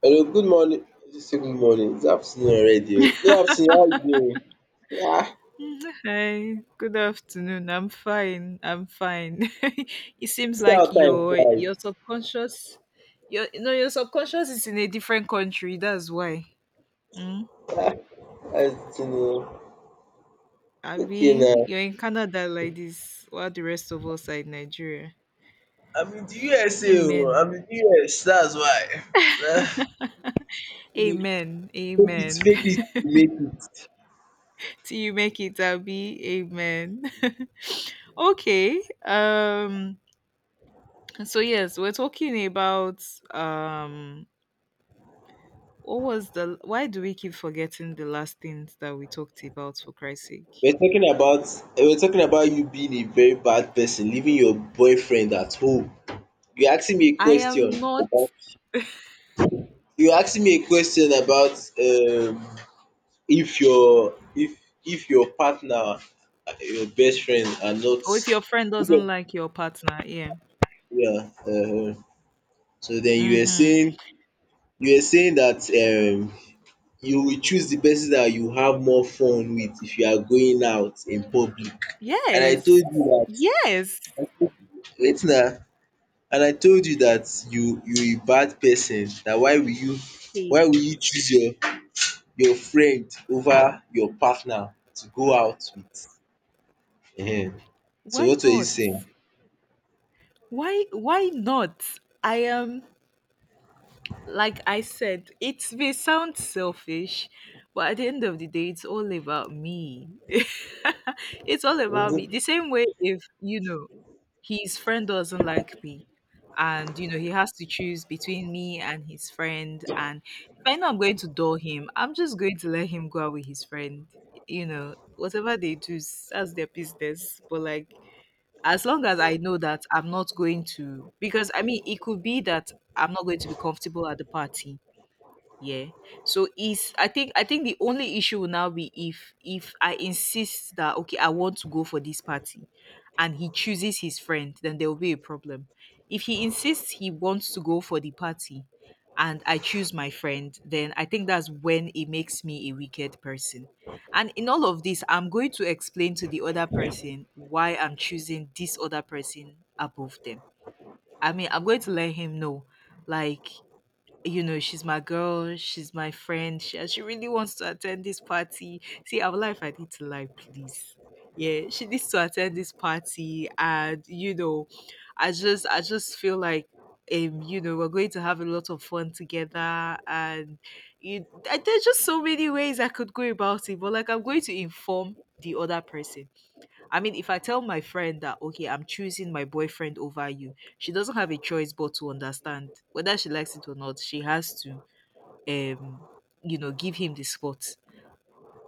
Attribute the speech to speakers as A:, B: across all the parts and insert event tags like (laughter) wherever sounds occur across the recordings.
A: Hello, good morning. Just say good morning? It's afternoon already. Oh. Good afternoon, how you doing? Ah,
B: Hi, good afternoon. I'm fine. I'm fine. (laughs) It seems
A: see how
B: like
A: time
B: your
A: flies.
B: your subconscious, your no, your subconscious is in a different country. That's why. Mm?
A: Ah, how's it doing? Okay
B: Abi,
A: now.
B: you're in Canada like this, while the rest of us are in Nigeria.
A: I'm in the USA I'm
B: Amen.
A: in the US, that's why.
B: (laughs)
A: Ah, We-
B: Amen. Amen.
A: Fake it,
B: (laughs)
A: make it.
B: Till you make it, Abi. Amen. (laughs) Okay, so yes, we're talking about um what was the why do we keep forgetting the last things that we talked about for Christ's sake?
A: We're talking about we're talking about you being a very bad person, leaving your boyfriend at home. You're asking me a
B: I
A: question
B: am not
A: about you're asking me a question about, if your partner and your best friend are not.
B: or if your friend doesn't like your partner, yeah.
A: Yeah. So then
B: Mhm.
A: you were saying that you will choose the person that you have more fun with if you are going out in public, and I
B: Yes.
A: told you
B: Yes.
A: that, wait na, and I told you that you a bad person. That
B: Hey,
A: why will you choose your friend over your partner to go out with, um so
B: why
A: what were you
B: not?
A: saying?
B: Why not? I am like I said, it may sound selfish, but at the end of the day it's all about me. (laughs) It's all about me. The same way if you know his friend doesn't like me and you know he has to choose between me and his friend and if I know I'm going to door him, I'm just going to let him go out with his friend. You know whatever they that's their business, but like as long as I know that I'm not going to, because I mean it could be that I'm not going to be comfortable at the party. Yeah. So is I think the only issue will now be if I insist that okay, I want to go for this party and he chooses his friend, then there will be a problem. If he insists he wants to go for the party and I choose my friend, then I think that's when it makes me a wicked person. And in all of this, I'm going to explain to the other person why I'm choosing this other person above them. I mean, I'm going to let him know like you know, she's my girl, she's my friend, and she really wants to attend this party. See, our life, I need to lie, please. Yeah, she needs to attend this party, and you know, I just feel like, you know, we're going to have a lot of fun together, and there's just so many ways I could go about it, but like, I'm going to inform the other person. I mean, if I tell my friend that okay, I'm choosing my boyfriend over you, she doesn't have a choice but to understand whether she likes it or not. She has to, um, you know, give him the spot.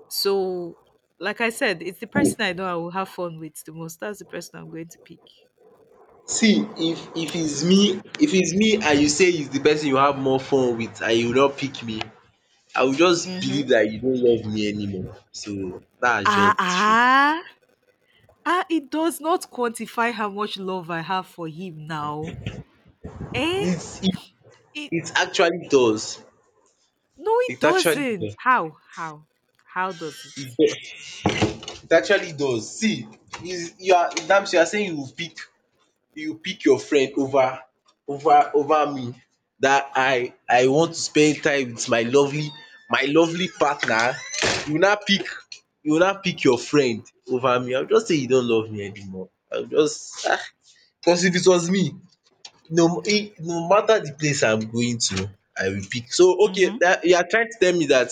B: So, like I said, it's the person I know I will have fun with the most. That's the person I'm going to pick.
A: See, if it's me
B: That's all.
A: if it's me and you say it's the person you have more fun with and you not pick me, I will just
B: Mm-hmm.
A: believe that you don't love me anymore. So that's
B: Ah,
A: just the truth.
B: ah, ah, it does not quantify how much love I have for him now. Eh?
A: It's it
B: It,
A: it actually does.
B: no, it
A: It actually
B: doesn't.
A: does.
B: How? How? How does it?
A: It it actually does. See, you are damn, you are saying you will pick, your friend over me, that I want to spend time with my lovely partner. you now pick you now pick your friend over me. I will just say you don't love me anymore. I will just cause if it was me. No, eh, no matter the place I'm going to, I will pick. So okay,
B: Mm-hmm.
A: that you are trying to tell me that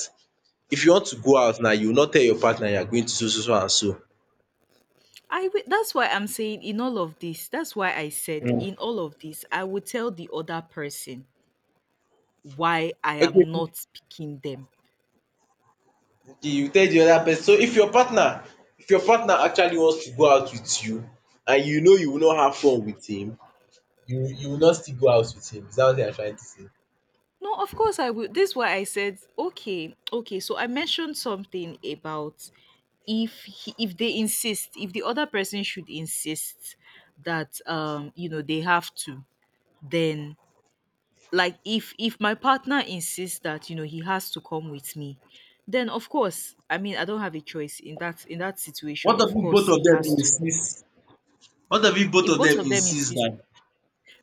A: if you want to go out now, you will not tell your partner you are going to so so so and so.
B: That's why I'm saying in all of this, that's why I said in all of this, I would tell the other person why I am
A: Okay,
B: not picking them.
A: the you tell the other person. So if your partner actually wants to go out with you, and you know you will not have fun with him, you will not still go out with him, is that what you are trying to say?
B: No, of course I will. This is why I said, okay, okay. So I mentioned something about if he, if they insist, if the other person should insist that you know they have to, then like if my partner insists that you know he has to come with me, then of course I mean I don't have a choice in that situation.
A: What of
B: Of
A: if
B: course
A: both of
B: he
A: them
B: has to.
A: insist what of if both
B: If
A: of
B: both
A: them
B: of them
A: insist
B: insist,
A: that,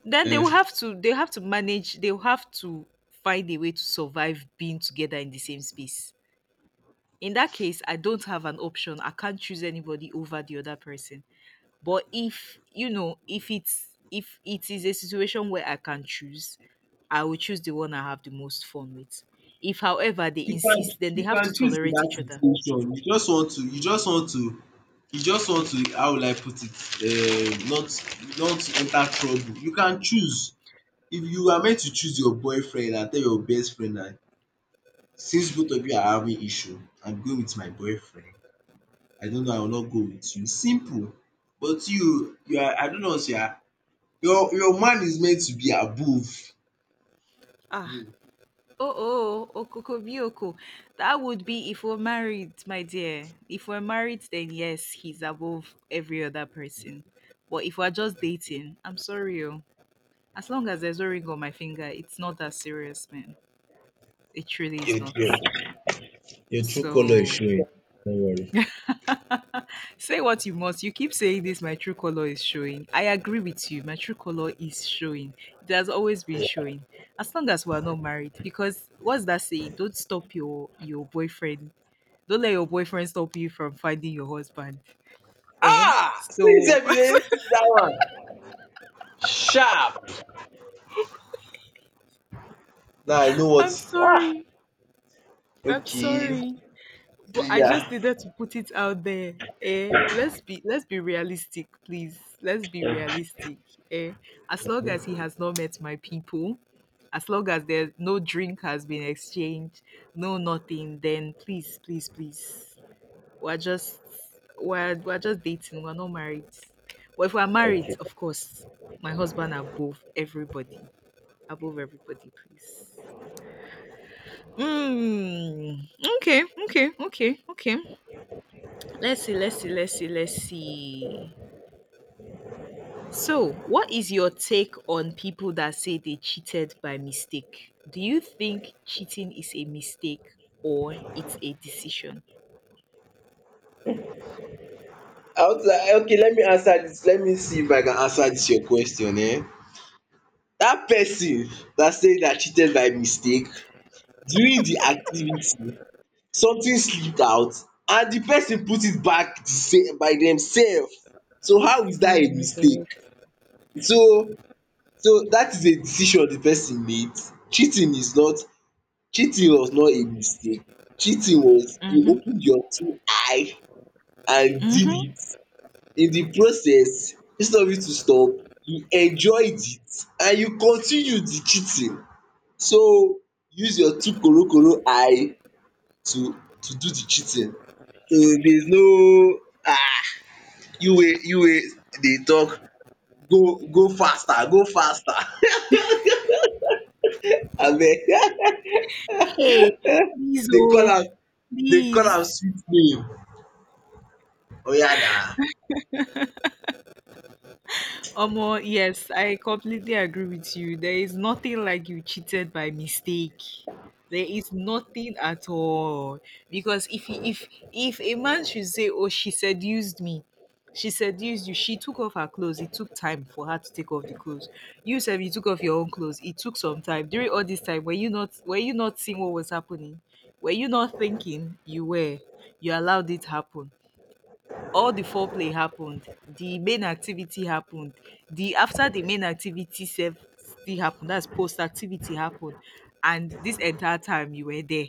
B: then
A: um
B: they have to manage. They will have to find a way to survive being together in the same space. In that case I don't have an option. I can't choose anybody over the other person. But if you know, if it's if it is a situation where I can choose, I will choose the one I have the most fun with. If, however, they insist, then they
A: you
B: have to
A: can choose in
B: tolerate
A: that
B: each other.
A: situation. You just want to, how will I put it, not enter trouble, you can choose. If you are meant to choose your boyfriend and tell your best friend na, since both of you are having issue, I'm going with my boyfriend. I don't know, I will not go with you. Simple. But you are, I don't know, sha. Your man is meant to be above.
B: Ah, oh, oh, okokobioko. That would be if we're married, my dear. If we're married, then yes, he's above every other person. But if we're just dating, I'm sorry, oh. As long as there's no ring on my finger, it's not that serious, man. It truly
A: Your,
B: is
A: your,
B: not.
A: your true color is
B: So
A: showing. Don't worry.
B: (laughs) say what you must. You keep saying this, my true color is showing. I agree with you. My true color is showing. It has always been showing. As long as we are not married, because what's that saying? Don't stop your boyfriend. Don't let your boyfriend stop you from finding your husband. Eh?
A: Ah! See
B: So
A: yourself, you dey notice that one. Sharp. Now I know
B: (laughs)
A: what.
B: I'm
A: Ah!
B: sorry. I'm
A: Okay.
B: sorry. But I just
A: Yeah.
B: needed to put it out there. Eh, let's be realistic, please. Let's be realistic. Eh, as long as he has not met my people, as long as there's no drink has been exchanged, no nothing, then please, please, please. We're just we're just dating. We're not married. Well, if we're married, of course, my husband above everybody, please. Mm, okay, okay. Let's see. So, what is your take on people that say they cheated by mistake? Do you think cheating is a mistake or it's a decision?
A: I was like, okay, let me answer this. Let me see if I can answer this your question, eh? That person that said that cheated by mistake, during the activity something slipped out, and the person put it back the same by themselves. So how is that
B: Oh
A: a
B: my
A: mistake?
B: god.
A: So so that is a decision the person made. Cheating is not — cheating was not a mistake. Cheating was you
B: Mm-hmm.
A: opened your two eye and did
B: Mm-hmm.
A: it. In the process, instead of you to stop, you enjoyed it and you continued the cheating. So use your two korokoro eye to do the cheating. So there's no, um you wey dey talk, go go faster, go faster. (laughs) Abeg.
B: Hey, please,
A: (laughs) dey call
B: oh,
A: am Dey call
B: please.
A: am sweet name. Oya na.
B: Omo, yes, I completely agree with you. There is nothing like you cheated by mistake. There is nothing at all. Because if he, if a man should say, "Oh, she seduced me," she seduced you. She took off her clothes. It took time for her to take off the clothes. You said you took off your own clothes. It took some time. During all this time, were you not seeing what was happening? Were you not thinking? You were. You allowed it happen. All the foreplay happened, the main activity happened, the after the main activity sef still happened, that's post activity happened, and this entire time you were there.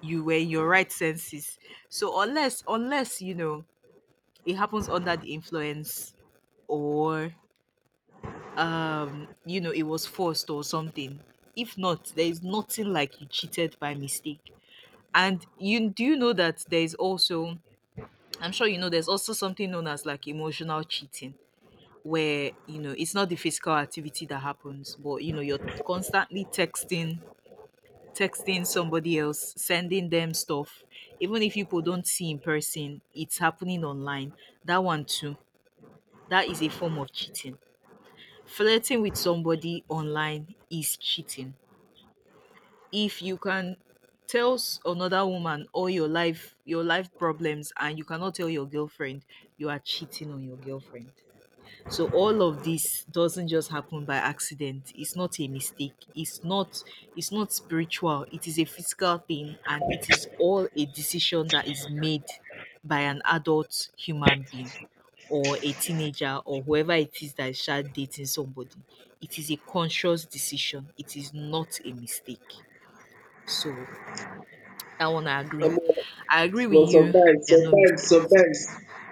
B: You were in your right senses. So unless, you know, it happens under the influence or you know, it was forced or something. If not, there is nothing like you cheated by mistake. And you do you know that there is also I'm sure you know there's also something known as like emotional cheating, where you know it's not the physical activity that happens, but you know you're constantly texting somebody else, sending them stuff. Even if people don't see in person, it's happening online. That one too, that is a form of cheating. Flirting with somebody online is cheating. If you can tell another woman all your life problems and you cannot tell your girlfriend, you are cheating on your girlfriend. So all of this doesn't just happen by accident. It's not a mistake. It's not spiritual. It is a physical thing and it is all a decision that is made by an adult human being or a teenager or whoever it is that is start dating somebody. It is a conscious decision. It is not a mistake. So that one I agree.
A: Omo,
B: I agree with
A: but
B: you. There are no mistakes.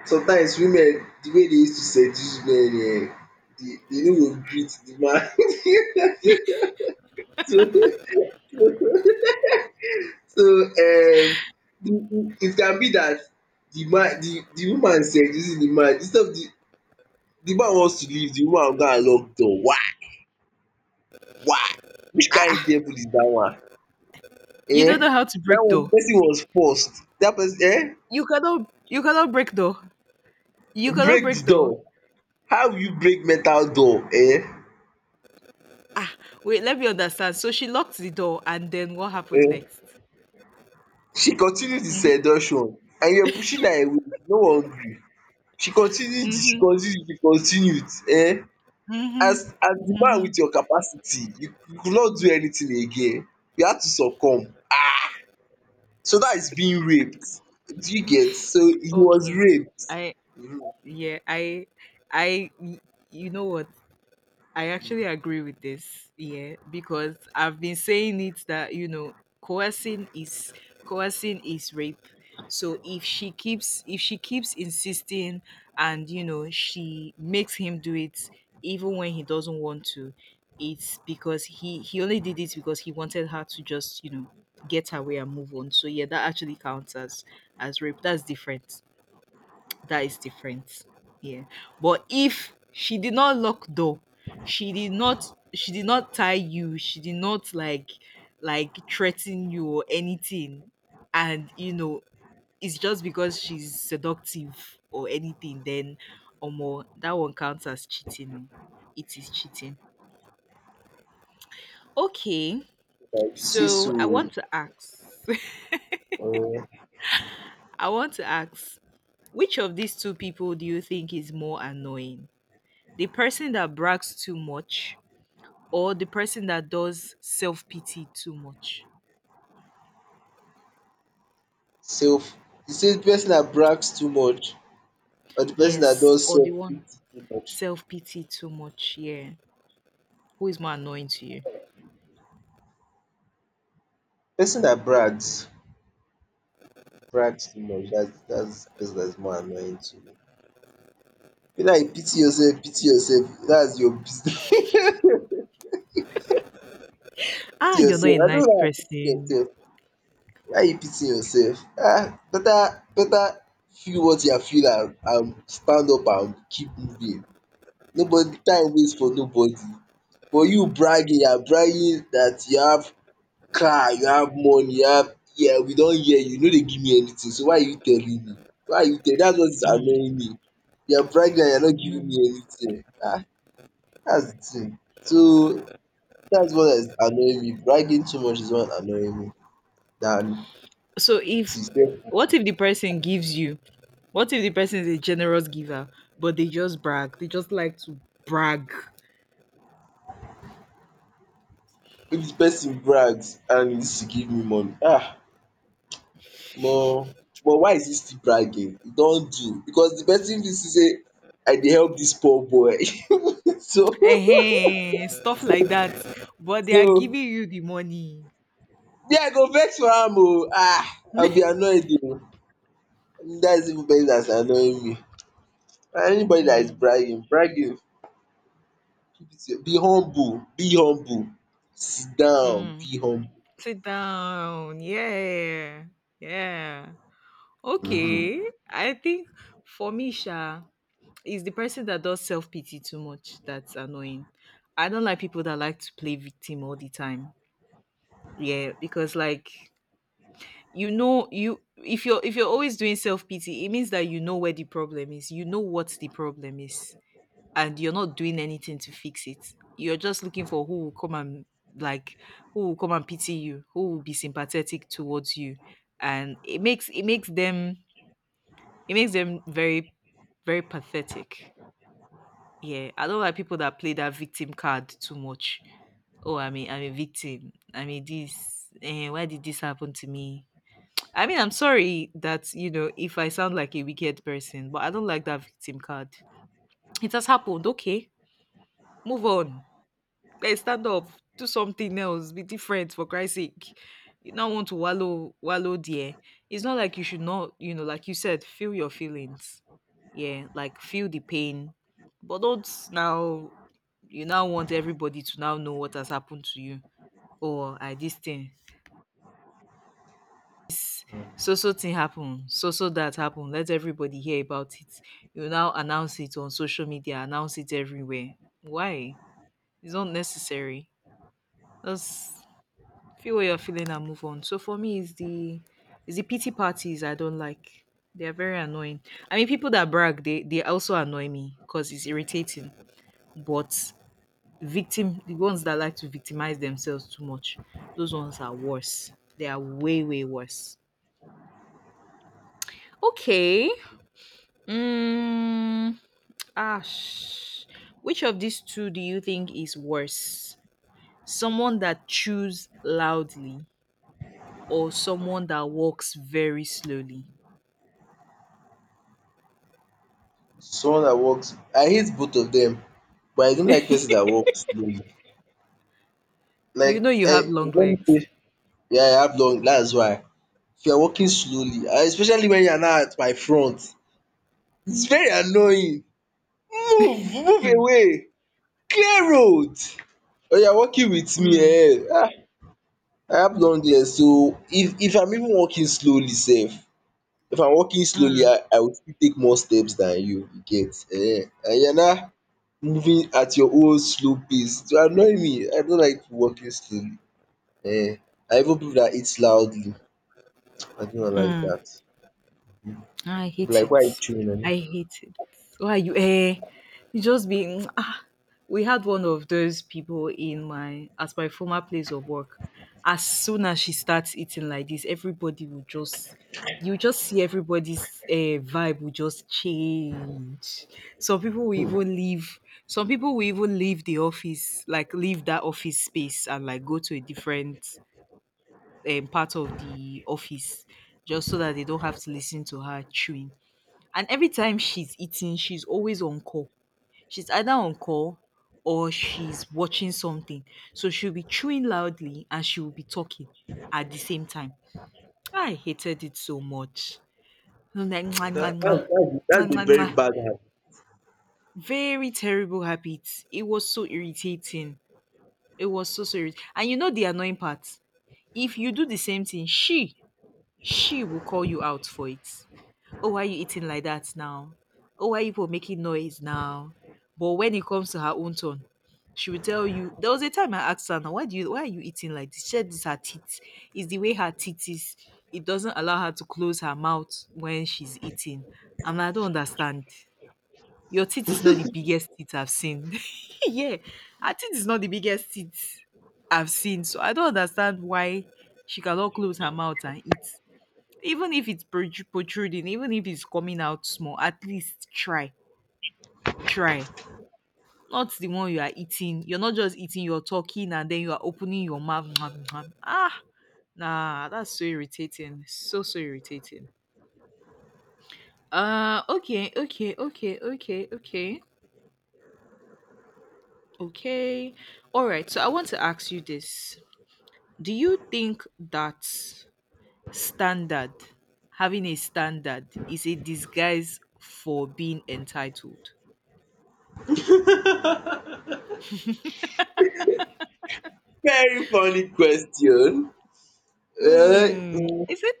A: sometimes women, the way dey use to seduce men, dey no go greet the man. (laughs) so so um it can be that the woman seducing the man, instead of the Di man wants to leave, di woman go and lock door. Why? Which
B: Ah,
A: kain
B: ah,
A: devil is dat one,
B: you don't
A: um?
B: know how to
A: Dat
B: break
A: one, di
B: though.
A: pesin was forced, dat pesin,
B: You cannot break though. You cannot
A: break di
B: break door.
A: door. How will you break metal door,
B: Ah, wait, let me understand. So she locked the door, and then what happened next?
A: um? She continue di
B: Mhm,
A: seduction and you were pushing her away, she no wan gree. She continued, she
B: mhm,
A: continued, she continued, as
B: mhm,
A: as di man
B: mhm.
A: wit your capacity, you could not do anything again. You had to succumb. So that is being raped. Do you get? So he was
B: Okay,
A: raped.
B: I
A: Mhm.
B: yeah, I y- you know what? I actually agree with this, yeah, because I've been saying it that you know coercing is coercing is rape. So if she keeps insisting and you know she makes him do it even when he doesn't want to, it's because he only did it because he wanted her to just you know get her way and move on. So yeah, that actually counts as rape. That's different. That is different. Yeah. But if she did not lock door, she did not tie you, she did not like threaten you or anything, and you know, it's just because she's seductive or anything, then or more that one counts as cheating. Oh. It is cheating. Okay.
A: Like, you see,
B: So I
A: so
B: want to ask
A: uh,
B: (laughs) I want to ask which of these two people do you think is more annoying? The person that brags too much or the person that does self-pity too much.
A: self. You say the person that brags too much, or the person that
B: Yes,
A: does
B: or
A: self
B: the
A: pity
B: one
A: too much?
B: self-pity too much, yeah. Who is more annoying to you?
A: Person that brags, brags too much. That's the person that's more annoying to me. Be like, pity yourself, pity yourself. That's your business. (laughs) Pity
B: Ah, you're not
A: yourself.
B: a
A: I don't
B: nice
A: like pity
B: person.
A: yourself. Why you pity yourself? Better, better, feel what you feel and stand up and keep moving. Nobody time waste for nobody. But you bragging, you are bragging dat you have car, you have money, you have — here, we don hear you. You no dey give me anything, so why are you telling me? Why are you tell Dats what is
B: Mm,
A: annoying me. You are bragging and you are not giving me
B: mm.
A: anything. Dats de thing. So dats what is annoying me. Bragging too much is what annoying me, than
B: So if
A: pity, self pity.
B: what if the person gives you? What if the person is a generous giver, but they just brag? They just like to brag.
A: If person brags and you still give me money? Ah, Omo, but why is he still bragging? E don do, because de person fit see sey I dey help dis poor boy. (laughs) So.
B: Ehen, stuff like that. But
A: (laughs)
B: they are
A: So
B: giving you the money.
A: me, I go vex for am, oo. Ah, I will be
B: (laughs)
A: annoyed, oo. Dat is even better dan annoying me. Anybody that is
B: Mm,
A: bragging, bragging, keep it to your- — be humble, sit down,
B: mm.
A: be humble.
B: Sit down. Yeah. Yeah. Okay.
A: um
B: I think for me, Sha, is the person that does self pity too much that's annoying. I don't like people that like to play victim all the time. Yeah, because like you know you if you're always doing self pity, it means that you know where the problem is. You know what the problem is and you're not doing anything to fix it. You're just looking for who will come and like who will come and pity you, who will be sympathetic towards you. And it makes them very pathetic. Yeah, I don't like people that play that victim card too much. Oh, I mean, I'm a victim. I mean, this. Why did this happen to me? I mean, I'm sorry that you know if I sound like a wicked person, but I don't like that victim card. It has happened. Okay, move on. Stand up, do something else, be different for Christ's sake. You don't want to wallow there. It's not like you should not, you know, like you said, feel your feelings. Yeah, like feel the pain. But don't now you now want everybody to now know what has happened to you. Or I this thing. So thing happened. So that happened. Let everybody hear about it. You now announce it on social media, announce it everywhere. Why? It's not necessary. That's. Feel what you're feeling and move on. So for me, it's the pity parties I don't like. They are very annoying. I mean, people that brag, they also annoy me because it's irritating. But victim, the ones that like to victimize themselves too much, those ones are worse. They are way worse. Okay. Mm, Ash, which of these two do you think is worse? Someone that chews loudly or someone that walks very slowly?
A: Someone that works, I hate both of them, but I don't like person that works slowly.
B: You
A: Like,
B: know you have
A: eh,
B: long
A: you don't
B: legs.
A: pay- yeah, I have long, that's why. If you are walking slowly, and especially when you are now at my front, it's very annoying. Move, move
B: Mm,
A: away. Clear road. Oh, you are walking with me,
B: mm,
A: eh? I have long legs, so if I'm even walking slowly, safe. If I'm walking slowly,
B: mm,
A: I will still take more steps than you, you get. Eh? And you're now moving at your own slow pace. To annoy me, I don't like walking slowly. Eh? I even people that eat loudly. I do not like
B: mm.
A: that.
B: I
A: Be
B: hate
A: like, why are you
B: it.
A: chewing on it?
B: I hate it. Why you eh? You just be We had one of those people in my at my former place of work. As soon as she starts eating like this, everybody will just you just see everybody's vibe will just change. Some people will even leave. Some people will even leave the office, like leave that office space and like go to a different part of the office just so that they don't have to listen to her chewing. And every time she's eating, she's always on call. She's either on call or she's watching something. So she'll be chewing loudly and she will be talking at the same time. I hated it so much. And then, mwah, mwah, mwah,
A: That's
B: mwah,
A: a
B: mwah,
A: very
B: mwah.
A: bad one.
B: Very terrible habits. It was so irritating. It was so irritating. And you know the annoying part. If you do the same thing, she will call you out for it. Oh, why you eating like that now? Oh, why you people making noise now? But when it comes to her own turn, she will tell you. There was a time I asked her, now, why are you eating like this? She said, this her teeth. It's the way her teeth is. It doesn't allow her to close her mouth when she's eating. And I don't understand. Your teeth is not the biggest teeth I've seen. (laughs) yeah. Her teeth is not the biggest teeth I've seen. So I don't understand why she cannot close her mouth and eat even if it's protruding, even if it's coming out small, at least try, try. Not the one you are eating. You're not just eating, you're talking and then you are opening your mouth. Mwah, mwah. Nah, that's so irritating. So irritating. Uh, okay, okay, okay, okay, okay, okay. All right, so I want to ask you this. Do you think that standard, having a standard, is a disguise for being entitled?
A: Very funny question. Uh,
B: Mm,
A: mm,
B: is it?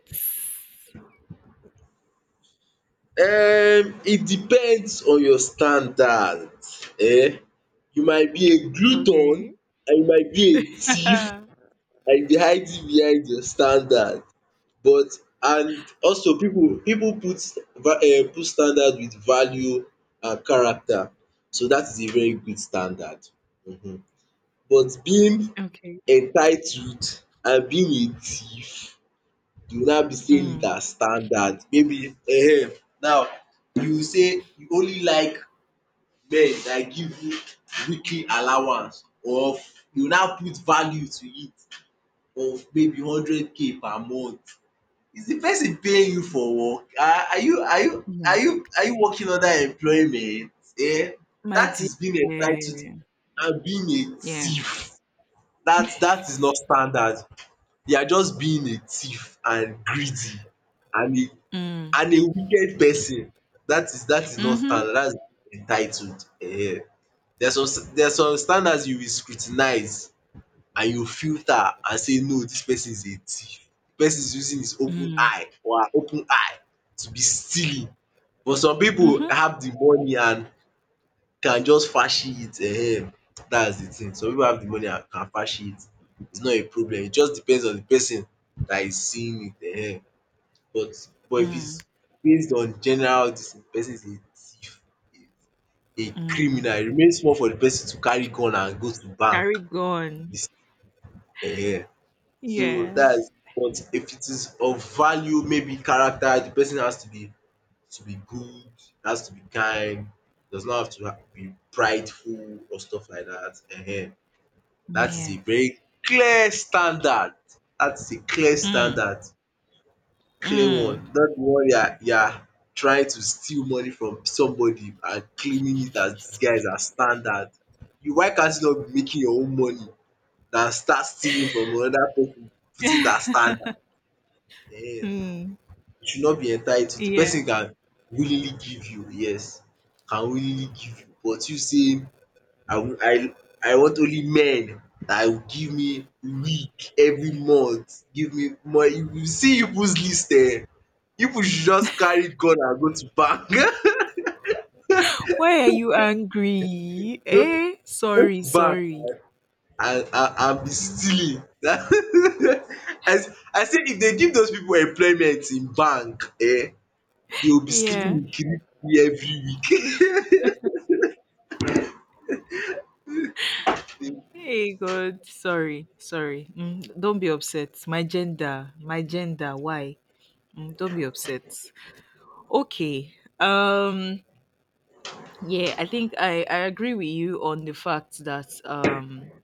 A: it depends on your standard. Eh? You might be a
B: Okay.
A: glutton, and you might be a thief,
B: (laughs)
A: and you be hiding behind your standard. But, and also, people put put standard with value and character. So that is a very good standard. Mhm. But being
B: Okay.
A: entitled and being a thief, you go now be saying it
B: Mm.
A: as standard. Maybe, now you say you only like men dat give you weekly allowance, or you now put value to it of maybe 100K per month. Is de person paying you for work?
B: Yeah.
A: Are you working under employment? um
B: My
A: Dat
B: dear.
A: is being entitled
B: Yeah.
A: and being a
B: Yeah.
A: thief. Dat is not standard. You are just being a thief and greedy, and a
B: Mm.
A: wicked person. That is not standard,
B: Mm-hmm.
A: that's entitled. There are some standards you will scrutinize, and you filter and say, no, this person is a thief. De person is using his open
B: Mm.
A: eye or her open eye to be stealing. But some people
B: Mm-hmm.
A: have the money, and can just fashi it. That's the thing. Some people have the money and can fashi it, it's not a problem. It just depends on the person that is seeing it, but if
B: Mm.
A: it's based on general dis thing, the person is a thief, a
B: Mm.
A: criminal. E remain small for the person to carry gun and go to bank.
B: Carry gone.
A: um. So
B: Yeah.
A: that's — but if it is of value, maybe character, the person has to be good, it has to be kind, does not have to be prideful or stuff like that. Ehen. That is
B: Yeah.
A: a very clear standard. That is a clear
B: Mm.
A: standard, clear
B: Mm.
A: one. Not the one you are trying to steal money from somebody and claiming it as this guy is our standard. You Why can't you not be making your own money, than start stealing from another person, put it as standard?
B: (laughs)
A: Ehen.
B: mm.
A: You should not be entitled. The
B: Yeah.
A: person can willingly give you, yes, can willingly give you, but you say, I will, I want only men that will give me week every month, give me money. You see people's list. People should just carry gun and go to bank. (laughs)
B: Why are you angry?
A: go
B: Eh?
A: Go
B: Sorry,
A: to bank,
B: sorry.
A: eh? And be
B: Mm.
A: stealing. (laughs) I say if they give those people employment in bank, eh, they will be
B: Yeah.
A: sleeping with kirikiri every week. (laughs)
B: Hey, good. Sorry, sorry. Mm, don't be upset. My gender, my gender. Why? Mm, don't be upset. Okay. Um. Yeah, I think I agree with you on the fact that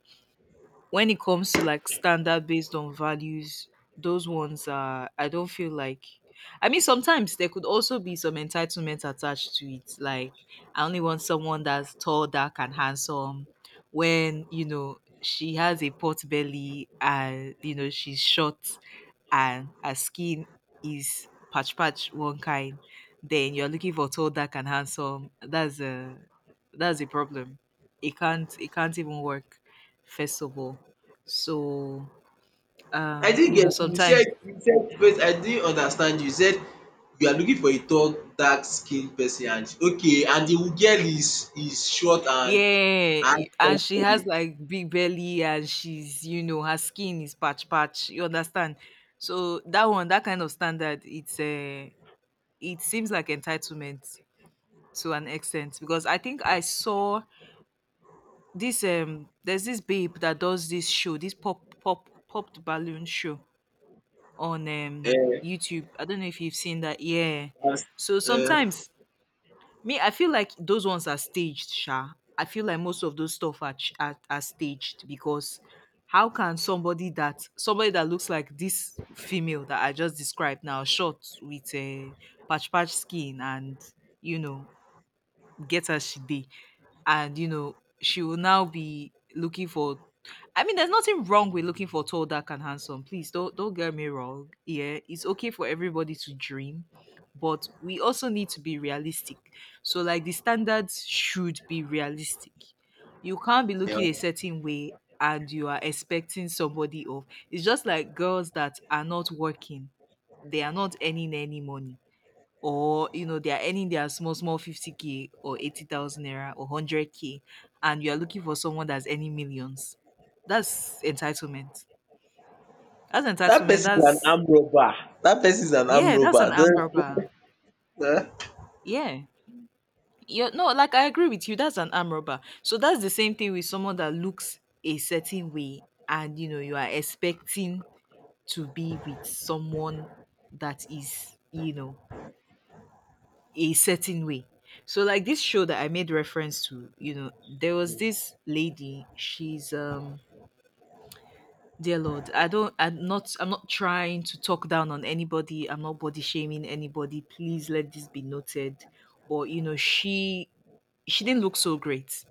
B: when it comes to like standard based on values, those ones are I don't feel like I mean sometimes there could also be some entitlement attached to it. Like I only want someone that's tall, dark and handsome when, you know, she has a pot belly and you know she's short and her skin is patch patch one kind, then you're looking for tall, dark and handsome. That's a problem. It can't even work, first of all. So,
A: I didn't
B: you know,
A: get you.
B: sometimes,
A: You said first. I didn't understand you. You said you are looking for a tall, dark skinned person, and okay, and the girl is short and
B: yeah,
A: and tall.
B: and she has like big belly and she's, you know, her skin is patch patch. You understand? So that one, that kind of standard, it's it seems like entitlement to an extent because I think I saw this there's this babe that does this show, this popped balloon show on
A: Uh,
B: YouTube. I don't know if you've seen that. Yeah.
A: as,
B: So
A: uh,
B: sometimes me, I feel like those ones are staged, Sha. I feel like most of those stuff are, are staged because how can somebody that looks like this female that I just described now, short with a patch patch skin and you know get as she did. And you know, she will now be looking for I mean, there's nothing wrong with looking for tall, dark, and handsome. Please don't get me wrong. Yeah, it's okay for everybody to dream, but we also need to be realistic. So like the standards should be realistic. You can't be
A: yeah.
B: looking a certain way and you are expecting somebody of. It's just like girls that are not working. They are not earning any money or you know they are earning their small small 50K or 80,000 naira or 100K and you are looking for someone that's earning millions that's entitlement that's
A: That
B: entitlement
A: person is an
B: that's
A: arm robber. That person is an arm
B: yeah that's an
A: robber.
B: arm robber
A: Don't, uh,
B: yeah you no like I agree with you that's an arm robber so that's the same thing with someone that looks a certain way and you know you are expecting to be with someone that is you know a certain way. So like this show that I made reference to, you know, there was this lady, she's dear Lord, I'm not trying to talk down on anybody, I'm not body shaming anybody. Please let this be noted. But you know, she didn't look so great,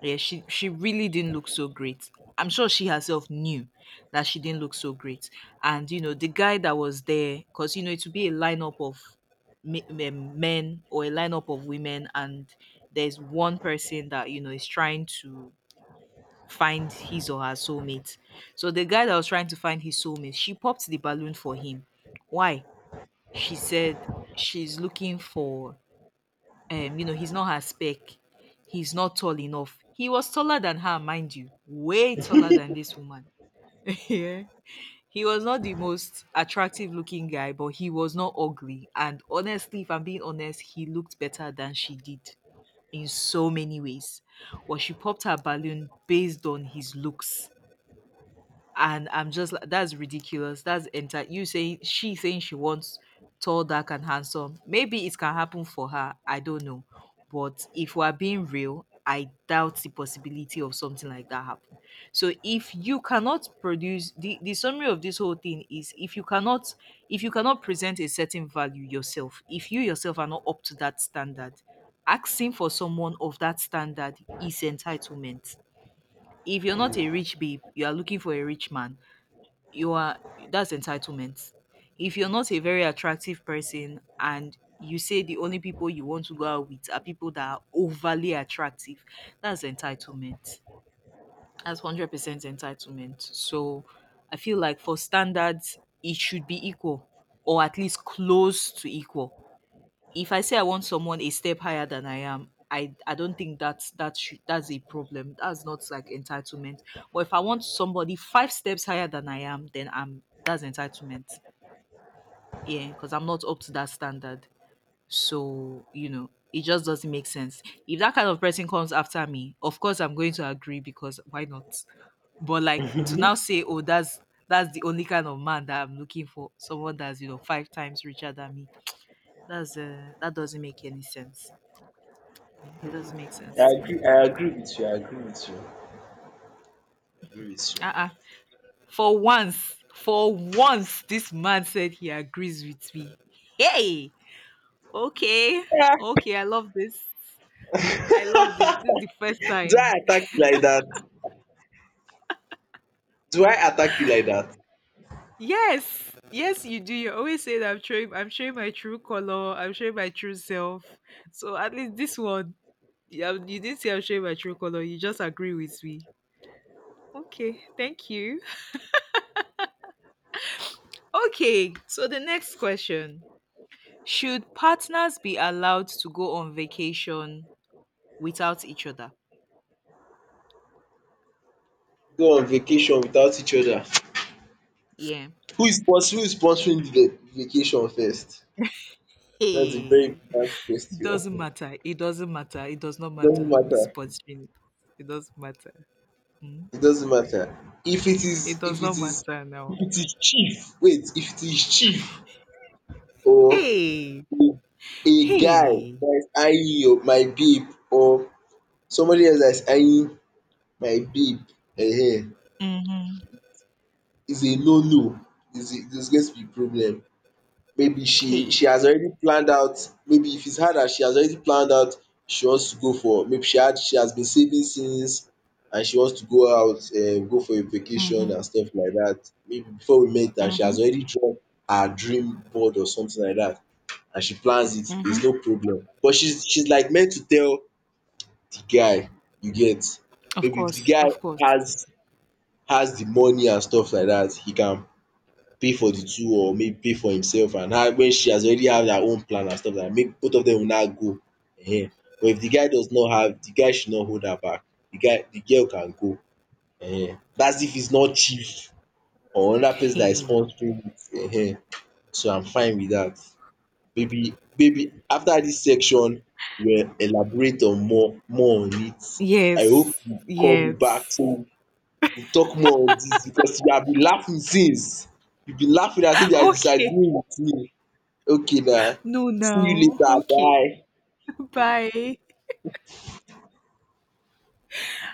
B: yeah, she really didn't look so great. I'm sure she herself knew that she didn't look so great. And you know, the guy that was there, because you know it would be a lineup of men or a lineup of women, and there's one person that you know is trying to find his or her soulmate. So the guy that was trying to find his soulmate, she popped the balloon for him. Why? She said she's looking for you know, he's not her spec. He's not tall enough. He was taller than her, mind you, way taller than this woman. (laughs) yeah. He was not the most attractive looking guy, but he was not ugly. And honestly, if I'm being honest, he looked better than she did in so many ways. Well, she popped her balloon based on his looks and I'm just like, that's ridiculous. That's enter you saying she wants tall, dark, and handsome. Maybe it can happen for her. I don't know, but if we're being real, I doubt the possibility of something like that happen. So if you cannot produce the summary of this whole thing is if you cannot present a certain value yourself, if you yourself are not up to that standard, asking for someone of that standard is entitlement. If you're not a rich babe, you are looking for a rich man you are that's entitlement. If you're not a very attractive person and you say the only people you want to go out with are people that are overly attractive, that's entitlement. That's 100% entitlement. So I feel like for standards, it should be equal or at least close to equal if I say I want someone a step higher than I am, I don't think that's a problem. That's not like entitlement. But if I want somebody five steps higher than I am, then I'm that's entitlement. Yeah, because I'm not up to that standard. So you know, it just doesn't make sense. If that kind of person comes after me, of course I'm going to agree because why not? But like to now say, oh, that's the only kind of man that I'm looking for, someone that's you know 5 times richer than me. That's that doesn't make any sense. It doesn't make sense
A: I
B: to me.
A: agree. I agree with you. I agree with you. I agree with you.
B: Uh-uh. This man said he agrees with me. Hey, okay,
A: Ah.
B: okay, I love this. I love this. This is the first
A: (laughs) Do I
B: time.
A: attack you like that? Do I attack you like that?
B: Yes, yes, you do. You always say that I'm showing my true color. I'm showing my true self. So at least this one, yeah, you didn't say I'm showing my true color. You just agree with me. Okay, thank you. Okay, so the next question. Should partners be allowed to go on vacation without each other?
A: Go on vacation without each other.
B: Yeah.
A: Who is sponsoring the vacation first? That's a very
B: Hey,
A: important
B: it
A: question.
B: doesn't
A: It
B: matter. It doesn't matter. It does not
A: doesn't
B: matter who's
A: matter.
B: sponsoring it. It doesn't matter. Mm.
A: It doesn't matter. If it is
B: It
A: if
B: does not
A: it is
B: matter now.
A: if it is chief — wait, if it is chief, or
B: Hey,
A: a guy
B: hey,
A: that is eyeing your my babe, or somebody else that is eyeing my babe, eh?
B: mm-hmm.
A: Is a no no. Is a There's going to be problem. Maybe she
B: Hey,
A: she has already planned out, maybe if it's her that she has already planned out, she wants to go for — maybe she has been saving since, and she wants to go out, go for a vacation
B: mm-hmm.
A: and stuff like that, maybe before we met, and she
B: Mm-hmm.
A: has already drawn her dream board or something like that, and she plans it,
B: Mm-hmm.
A: there's no problem. But she's like meant to tell the guy, you get?
B: Of
A: Maybe if the
B: course,
A: guy
B: of course.
A: has has the money and stuff like that, he can pay for the two, or maybe pay for himself and her, when she has already have her own plan and stuff like that, make both of them una go. um but if the guy does not have, the guy should not hold her back, the guy — the girl can go. That's if he's not chief or another person that is
B: Hey,
A: sponsoring it. So I'm fine with that. Maybe after this section we will elaborate on more on it. I hope
B: yes,
A: you call me back,
B: yes.
A: so dey talk more on dis, because you have been laughing since. You been laughing as if you are
B: Okay,
A: disagreeing with me. Okay na,
B: no,
A: see you
B: now.
A: later,
B: Okay,
A: bye.
B: bye.